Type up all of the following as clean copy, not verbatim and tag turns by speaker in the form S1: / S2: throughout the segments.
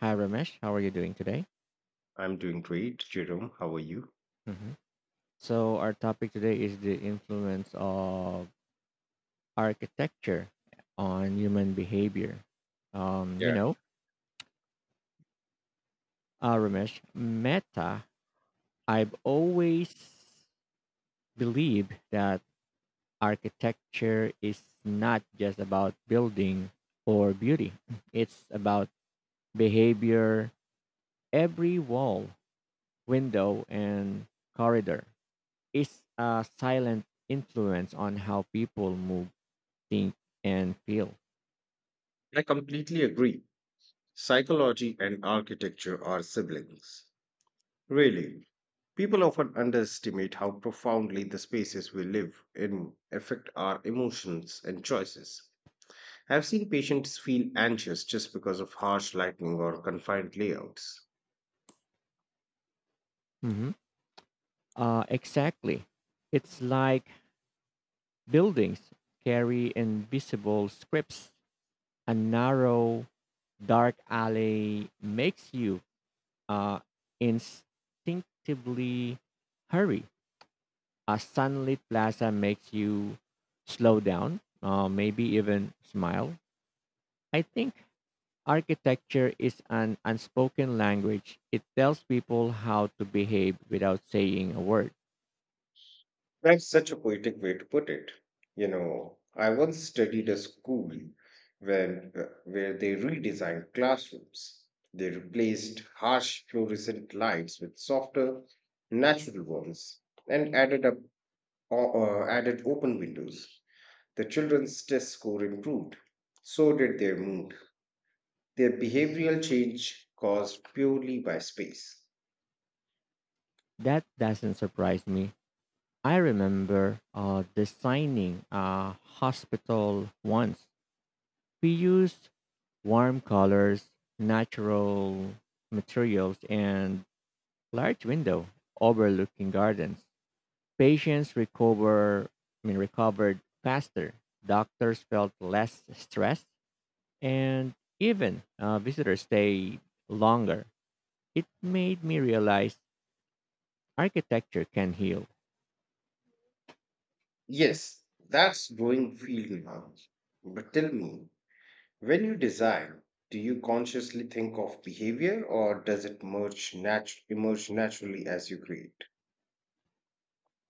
S1: Hi, Ramesh. How are you doing today?
S2: I'm doing great, Jerome. How are you?
S1: hmm So, our topic today is the influence of architecture on human behavior. Um, you
S2: Yeah,
S1: know, Ramesh, meta, I've always believed that architecture is not just about building or beauty, it's about behavior. Every wall, window, and corridor is a silent influence on how people move, think, and feel.
S2: I completely agree. Psychology and architecture are siblings. Really, people often underestimate how profoundly the spaces we live in affect our emotions and choices. I've seen patients feel anxious just because of harsh lighting or confined layouts.
S1: hmm exactly. It's like buildings carry invisible scripts. A narrow, dark alley makes you uh, instinctively hurry. A sunlit plaza makes you slow down, maybe even smile. I think architecture is an unspoken language. It tells people how to behave without saying a word.
S2: That's such a poetic way to put it. You know, I once studied a school when, where they redesigned classrooms. They replaced harsh fluorescent lights with softer, natural ones and added up added open windows. The children's test score improved. So did their mood. Their behavioral change caused purely by space.
S1: That doesn't surprise me. I remember designing a hospital once. We used warm colors, natural materials, and large window overlooking gardens. Patients recovered faster. Doctors felt less stressed, and even visitors stayed longer. It made me realize architecture can heal.
S2: Yes, that's growing field now. But tell me, when you design, do you consciously think of behavior or does it emerge naturally as you create?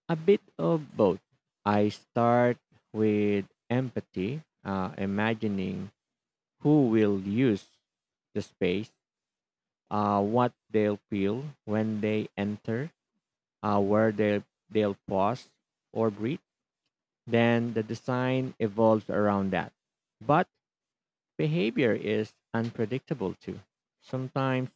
S1: A bit of both. I start with empathy, imagining who will use the space, what they'll feel when they enter, where they'll pause or breathe. Then the design evolves around that. But behavior is unpredictable too. Sometimes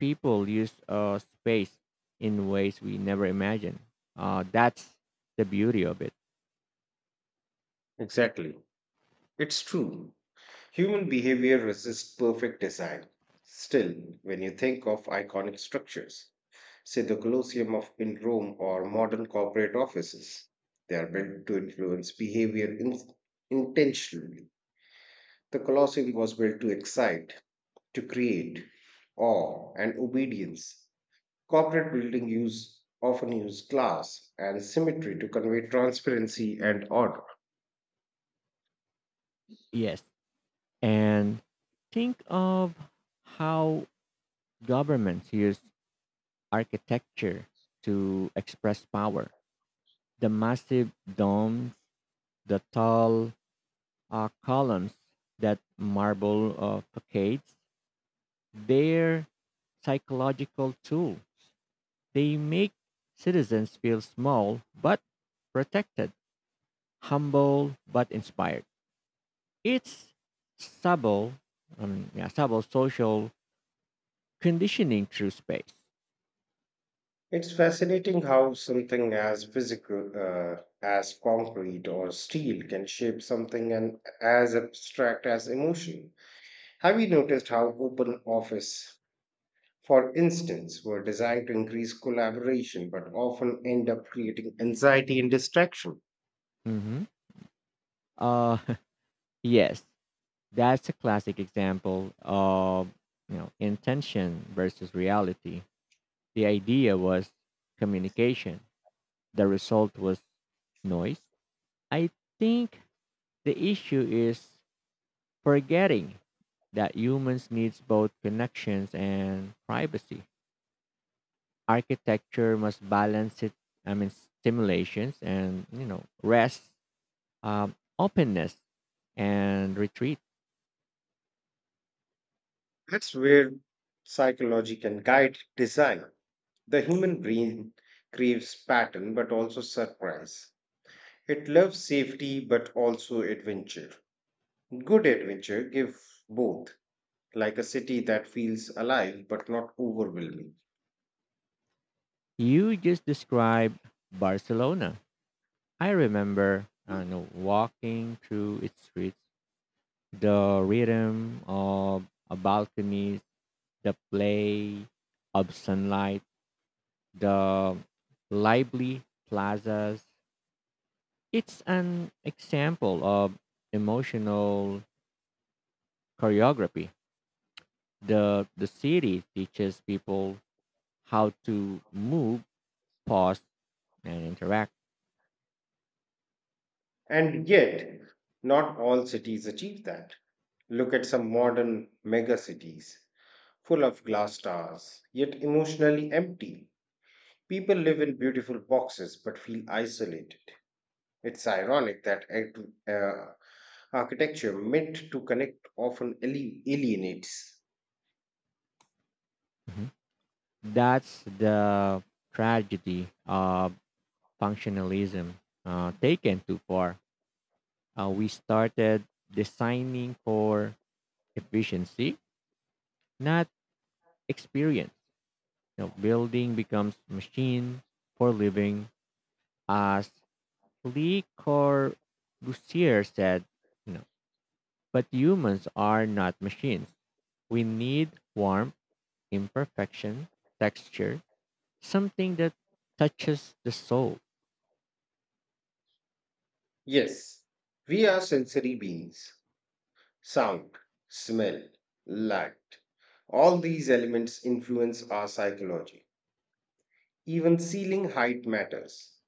S1: people use a space in ways we never imagined. That's the beauty of it.
S2: Exactly. It's true. Human behavior resists perfect design. Still, when you think of iconic structures, say the in Rome or modern corporate offices, they are built to influence behavior in, intentionally. The Colosseum was built to excite, to create awe and obedience. Corporate building use often use glass and symmetry to convey transparency and order.
S1: Yes. And think of how governments use architecture to express power. The massive domes, the tall columns, that marble facades, their psychological tool. They make citizens feel small but protected, humble but inspired. It's subtle, yeah, subtle, social conditioning through space.
S2: It's fascinating how something as physical as concrete or steel can shape something and as abstract as emotion. Have you noticed how open office, for instance, were designed to increase collaboration but often end up creating anxiety and distraction?
S1: Mm-hmm. Uh, yes, that's a classic example of intention versus reality. The idea was communication. The result was noise. I think the issue is forgetting that humans needs both connections and privacy. Architecture must balance it. I mean, stimulations and rest, openness, and retreat.
S2: That's where psychology can guide design. The human brain craves pattern but also surprise. It loves safety but also adventure. Good adventure gives both, like a city that feels alive but not overwhelming.
S1: You just described Barcelona. I remember, I know, walking through its streets, the rhythm of a balcony, the play of sunlight, the lively plazas. It's an example of emotional choreography. The city teaches people how to move, pause, and interact.
S2: And yet, not all cities achieve that. Look at some modern mega cities, full of glass towers, yet emotionally empty. People live in beautiful boxes but feel isolated. It's ironic that uh, architecture meant to connect often alienates.
S1: Mhm. That's the tragedy of functionalism taken too far. We started designing for efficiency, not experience. You know, building becomes machine for living. As Le Corbusier said, you know, but humans are not machines. We need warmth, imperfection, texture, something that touches the soul.
S2: Yes, we are sensory beings. Sound, smell, light. All these elements influence our psychology. Even ceiling height matters.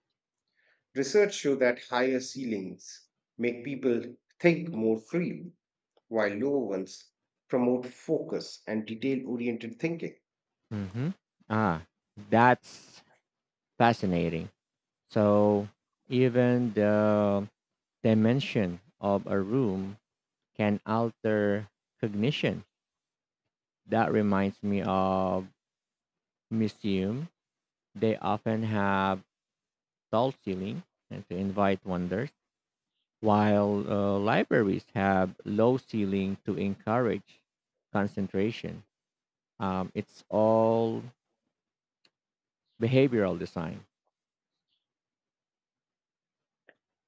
S2: Research shows that higher ceilings make people think more freely, while lower ones promote focus and detail oriented thinking.
S1: hmm Ah, that's fascinating. So even the dimension of a room can alter cognition. That reminds me of museum. They often have tall ceiling and to invite wonders, while libraries have low ceiling to encourage concentration. It's all behavioral design.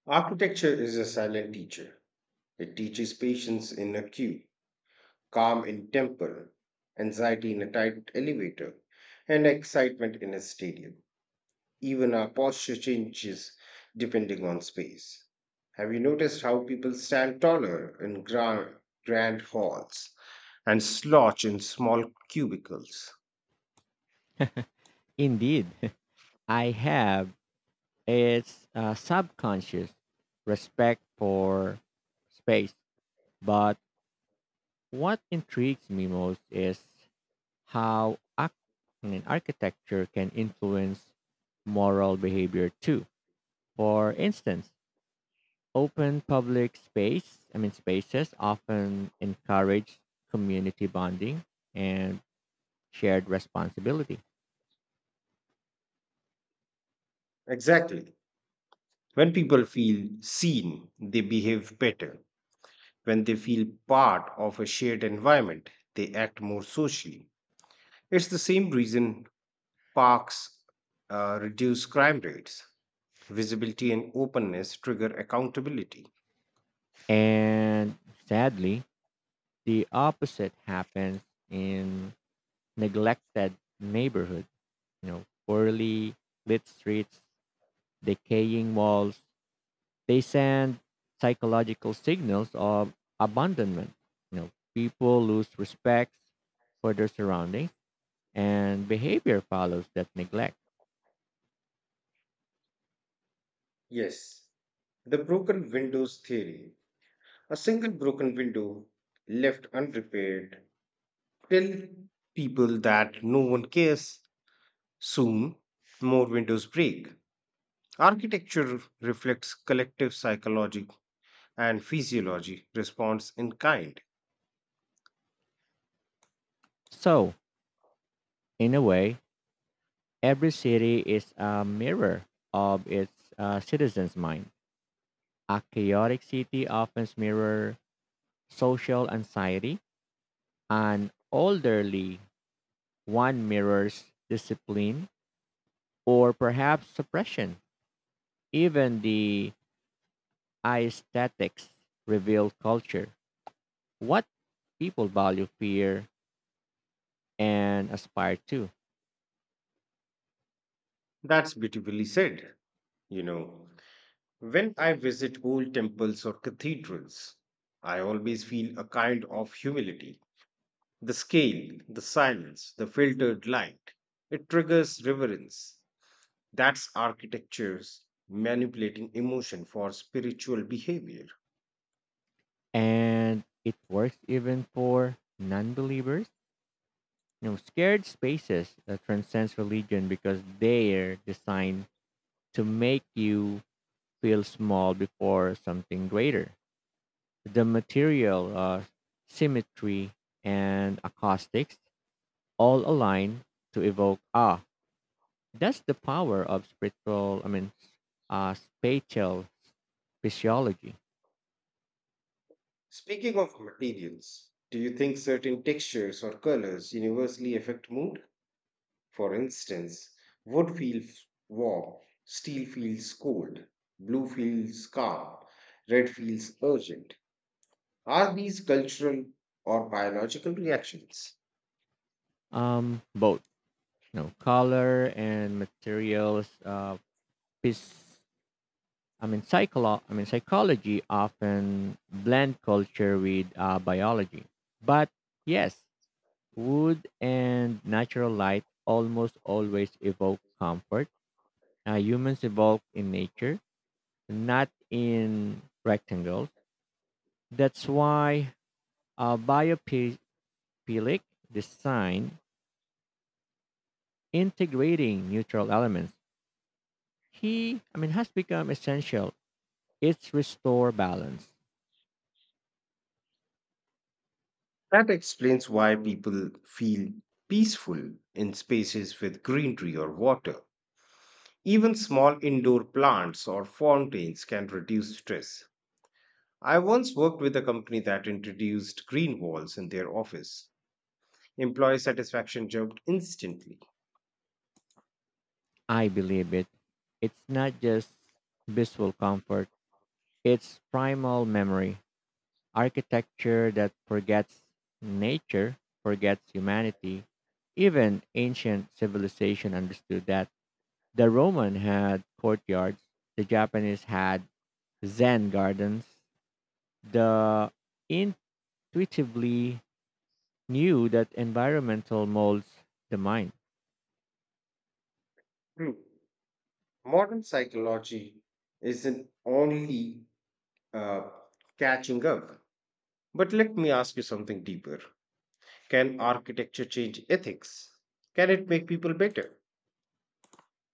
S2: Architecture is a silent teacher. It teaches patience in a queue, calm in temple, anxiety in a tight elevator, and excitement in a stadium. Even our posture changes depending on space. Have you noticed how people stand taller in grand halls and slouch in small cubicles?
S1: Indeed, I have its subconscious respect for space. But what intrigues me most is how architecture can influence moral behavior too. For instance, open public spaces often encourage community bonding and shared responsibility.
S2: Exactly. When people feel seen, they behave better. When they feel part of a shared environment, they act more socially. It's the same reason parks reduce crime rates. Visibility and openness trigger accountability.
S1: And sadly, the opposite happens in neglected neighborhood, you know, poorly lit streets, decaying walls. They send psychological signals of abandonment. You know, people lose respect for their surroundings and behavior follows that neglect.
S2: Yes, the broken windows theory. A single broken window left unrepaired till people that no one cares, soon more windows break. Architecture reflects collective psychology and physiology response in kind.
S1: So, in a way, every city is a mirror of its citizens' mind. A chaotic city often mirrors social anxiety. An orderly one mirrors discipline or perhaps suppression. Even the aesthetics reveal culture, what people value, fear, and aspire to.
S2: That's beautifully said. You know, when I visit old temples or cathedrals, I always feel a kind of humility. The scale, the silence, the filtered light, it triggers reverence. That's architecture's manipulating emotion for spiritual behavior.
S1: And it works even for non believers, you know, scared spaces that transcends religion because they're designed to make you feel small before something greater. The material symmetry and acoustics all align to evoke awe. That's the power of spatial physiology.
S2: Speaking of materials, do you think certain textures or colors universally affect mood? For instance, wood feels warm, steel feels cold, blue feels calm, red feels urgent. Are these cultural or biological reactions?
S1: Both, you know, color and materials, phys- psychology often blend culture with biology. But yes, wood and natural light almost always evoke comfort. Humans evolve in nature, not in rectangles. That's why biophilic design, integrating neutral elements, he I mean has become essential. It's restore balance.
S2: That explains why people feel peaceful in spaces with greenery or water. Even small indoor plants or fountains can reduce stress. I once worked with a company that introduced green walls in their office. Employee satisfaction jumped instantly.
S1: I believe it. It's not just visual comfort, it's primal memory. Architecture that forgets nature, forgets humanity. Even ancient civilization understood that. The Roman had courtyards, the Japanese had Zen gardens. The intuitively knew that environmental molds the mind.
S2: True. Modern psychology isn't only uh, catching up. But let me ask you something deeper. Can architecture change ethics? Can it make people better?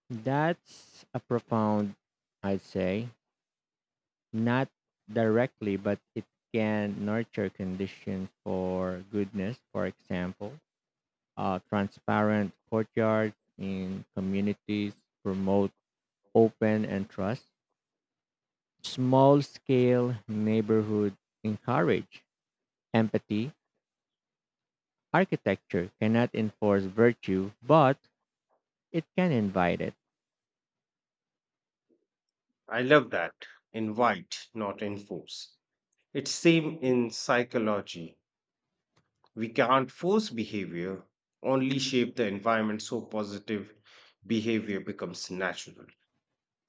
S1: That's a profound, I'd say, not directly, but it can nurture conditions for goodness. For example, transparent courtyards in communities promote open and trust. Small scale neighborhood encourage empathy. Architecture cannot enforce virtue, but it can invite it.
S2: I love that. Invite, not enforce. It's same in psychology. We can't force behavior, only shape the environment so positive behavior becomes natural.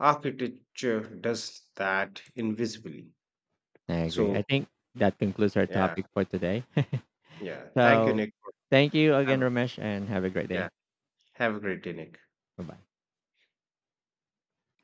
S2: Architecture does that invisibly.
S1: I agree. I
S2: So,
S1: think that concludes our
S2: yeah,
S1: topic for today.
S2: yeah. Thank you,
S1: So
S2: Nick, for
S1: thank you again,
S2: having-
S1: Ramesh, and have a great day.
S2: yeah, have a great day, Nick.
S1: Bye bye.